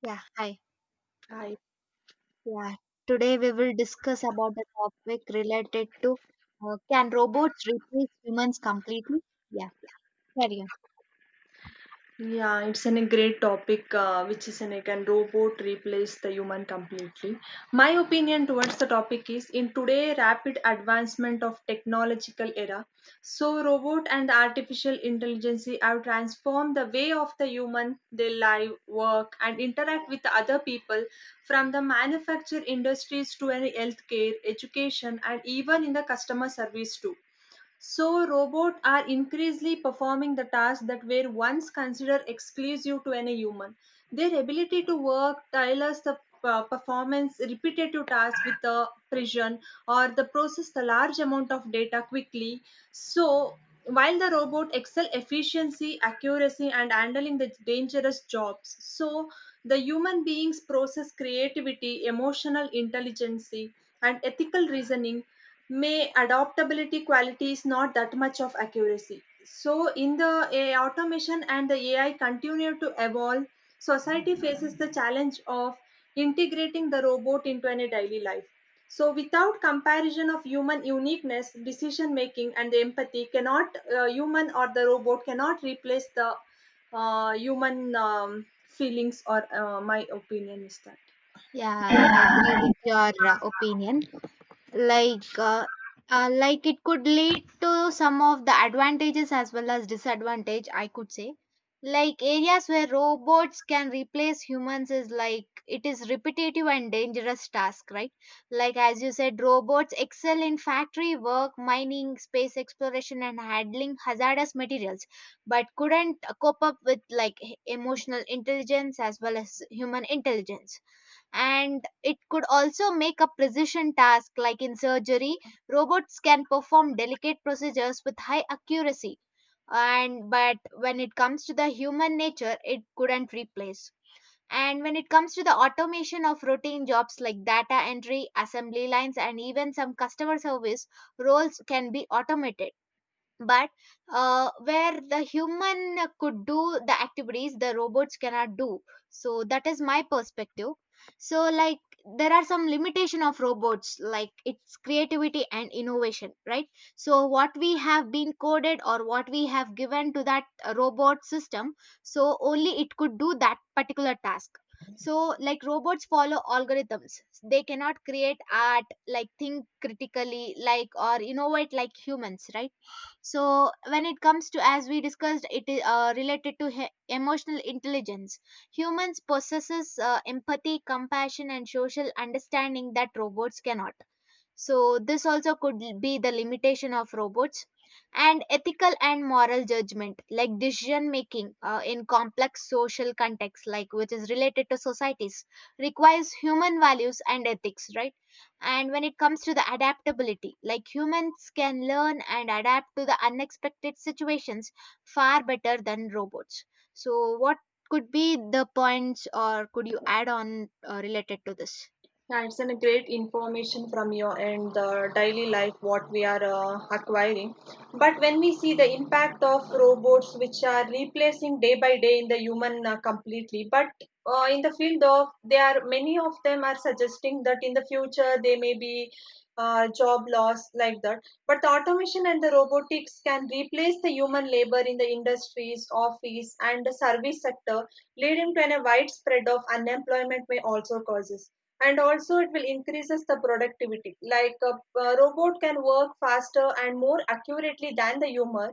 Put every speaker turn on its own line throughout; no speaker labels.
Yeah, hi.
Hi.
Yeah, today we will discuss about a topic related to can robots replace humans completely? Yeah, carry on.
Yeah, it's a great topic, which is can robot replace the human completely? My opinion towards the topic is in today rapid advancement of technological era, so robot and artificial intelligence have transformed the way of the human they live, work, and interact with the other people, from the manufacture industries to any healthcare, education, and even in the customer service too. So, robots are increasingly performing the tasks that were once considered exclusive to any human. Their ability to work tailors the performance repetitive tasks with the precision or the process the large amount of data quickly. So, while the robot excel efficiency, accuracy, and handling the dangerous jobs, so the human beings process creativity, emotional intelligence, and ethical reasoning may adaptability quality is not that much of accuracy, so in the A I automation and the AI continue to evolve, society faces the challenge of integrating the robot into any daily life, so without comparison of human uniqueness decision making and the empathy cannot human or the robot cannot replace the human feelings or my opinion is that.
Yeah, I agree with your opinion. like uh, like it could lead to some of the advantages as well as disadvantage I could say, like areas where robots can replace humans is like it is repetitive and dangerous task, right? Like as you said, robots excel in factory work, mining, space exploration and handling hazardous materials, but couldn't cope up with like emotional intelligence as well as human intelligence. And it could also make a precision task like in surgery. Robots can perform delicate procedures with high accuracy, and but when it comes to the human nature it couldn't replace. And when it comes to the automation of routine jobs like data entry, assembly lines and even some customer service, roles can be automated. But where the human could do the activities, the robots cannot do. So that is my perspective. So like there are some limitation of robots like its creativity and innovation, right? So what we have been coded or what we have given to that robot system, so only it could do that particular task. So like robots follow algorithms, they cannot create art like think critically like or innovate like humans, right? So when it comes to, as we discussed, it is related to emotional intelligence. Humans possesses empathy, compassion and social understanding that robots cannot. So, this also could be the limitation of robots. And ethical and moral judgment, like decision making in complex social contexts, like which is related to societies, requires human values and ethics, right? And when it comes to the adaptability, like humans can learn and adapt to the unexpected situations far better than robots. So, what could be the points, or could you add on related to this?
Yeah, it's a great information from your end, the daily life, what we are acquiring. But when we see the impact of robots, which are replacing day by day in the human completely, but in the field of, they are many of them are suggesting that in the future they may be job loss like that. But the automation and the robotics can replace the human labor in the industries, office, and the service sector, leading to a widespread of unemployment may also causes, and also it will increases the productivity like a robot can work faster and more accurately than the human,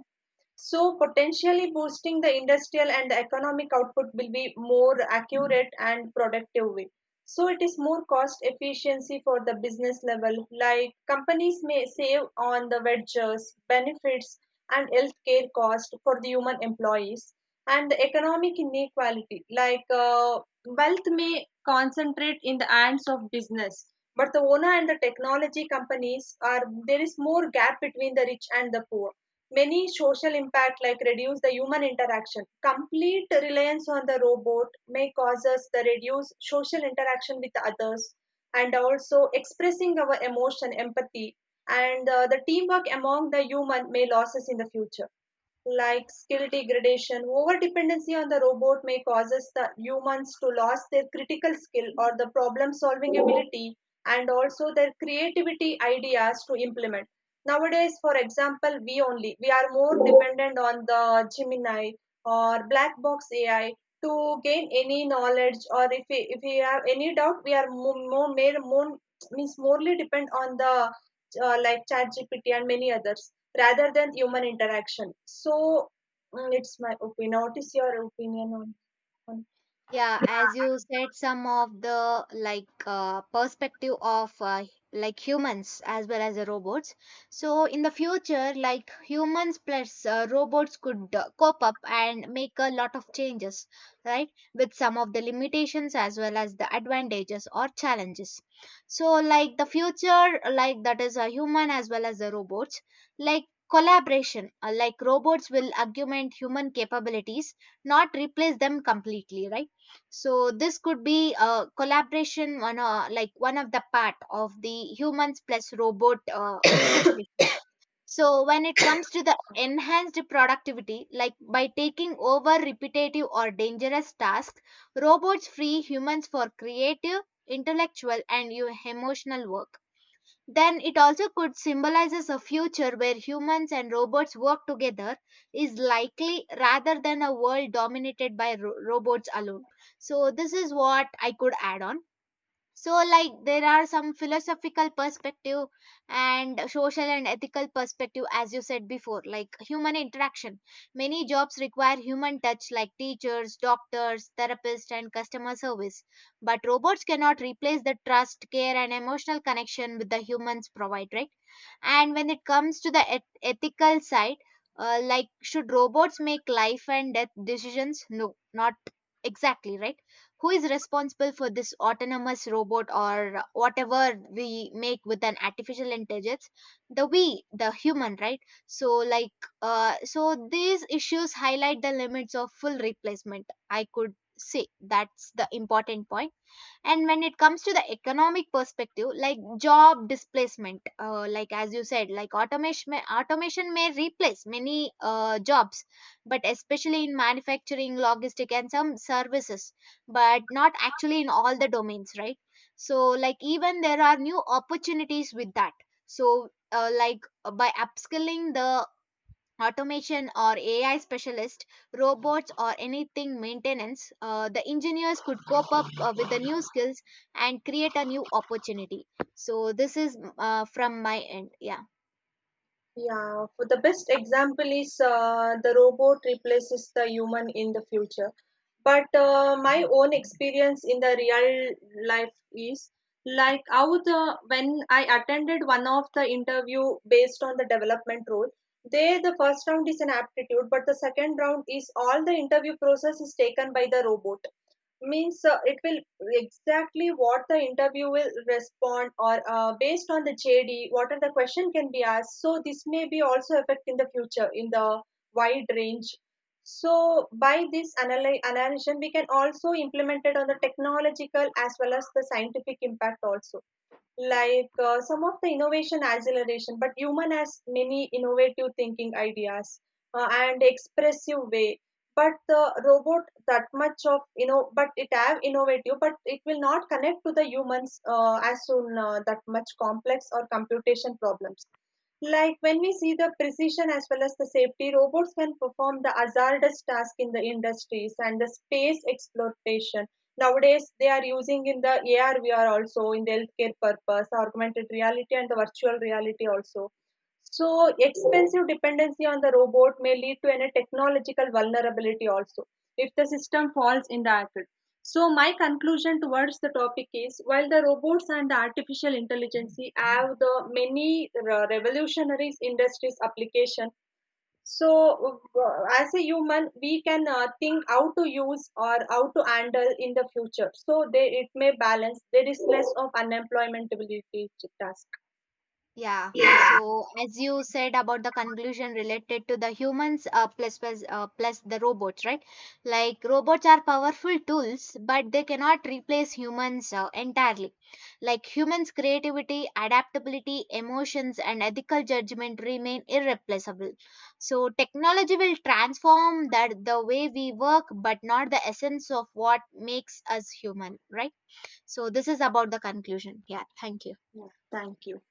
so potentially boosting the industrial and the economic output will be more accurate and productive way. So it is more cost efficiency for the business level. Like companies may save on the wages, benefits, and healthcare cost for the human employees. And the economic inequality, like wealth may concentrate in the hands of business, but the owner and the technology companies are there is more gap between the rich and the poor, many social impact like reduce the human interaction complete reliance on the robot may cause us the reduce social interaction with others, and also expressing our emotion empathy and the teamwork among the human may losses in the future, like skill degradation over dependency on the robot may causes the humans to lose their critical skill or the problem solving ability, and also their creativity ideas to implement. Nowadays, for example, we only we are more dependent on the Gemini or black box AI to gain any knowledge, or if if we have any doubt, we are more made more means morely depend on the like ChatGPT and many others rather than human interaction. So it's my opinion. What is your opinion on?
Yeah, as you said, some of the like perspective of like humans as well as the robots. So in the future like humans plus robots could cope up and make a lot of changes, right, with some of the limitations as well as the advantages or challenges. So like the future like that is a human as well as the robots, like collaboration like robots will augment human capabilities, not replace them completely, right? So this could be a collaboration one, like one of the part of the humans plus robot situation. So when it comes to the enhanced productivity, like by taking over repetitive or dangerous tasks, robots free humans for creative, intellectual and emotional work. Then it also could symbolizes a future where humans and robots work together is likely rather than a world dominated by robots alone. So this is what I could add on. So like there are some philosophical perspective and social and ethical perspective, as you said before, like human interaction, many jobs require human touch like teachers, doctors, therapists and customer service, but robots cannot replace the trust, care and emotional connection with the humans provide, right? And when it comes to the ethical side, like should robots make life and death decisions? No, not exactly, right? Who is responsible for this autonomous robot or whatever we make with an artificial intelligence? The we, the human, right? So like so these issues highlight the limits of full replacement, I could say, that's the important point. And when it comes to the economic perspective like job displacement, like as you said, like automation may replace many jobs, but especially in manufacturing, logistic and some services, but not actually in all the domains, right? So like even there are new opportunities with that. So by upskilling the automation or AI specialist, robots or anything maintenance, the engineers could cope up with the new skills and create a new opportunity. So this is from my end. Yeah.
Yeah, for the best example is the robot replaces the human in the future. But my own experience in the real life is like how the when I attended one of the interview based on the development role, there the first round is an aptitude, but the second round is all the interview process is taken by the robot means it will exactly what the interview will respond or based on the JD what are the question can be asked, so this may be also affect in the future in the wide range, so by this analysis we can also implement it on the technological as well as the scientific impact also, like some of the innovation acceleration but human has many innovative thinking ideas, and expressive way but the robot that much of but it have innovative but it will not connect to the humans as soon that much complex or computation problems, like when we see the precision as well as the safety robots can perform the hazardous task in the industries and the space exploration. Nowadays, they are using in the AR, VR also in the healthcare purpose, augmented reality and the virtual reality also. So, expensive dependency on the robot may lead to any technological vulnerability also if the system falls in the act. So, my conclusion towards the topic is while the robots and the artificial intelligence have the many revolutionary industries application, so, as a human, we can think how to use or how to handle in the future. So, they, it may balance. There is less of unemployability task.
Yeah. So, as you said about the conclusion related to the humans plus the robots, right? Like robots are powerful tools, but they cannot replace humans entirely. Like humans' creativity, adaptability, emotions, and ethical judgment remain irreplaceable. So, technology will transform that the way we work, but not the essence of what makes us human, right? So, this is about the conclusion. Yeah. Thank you.
Yeah, thank you.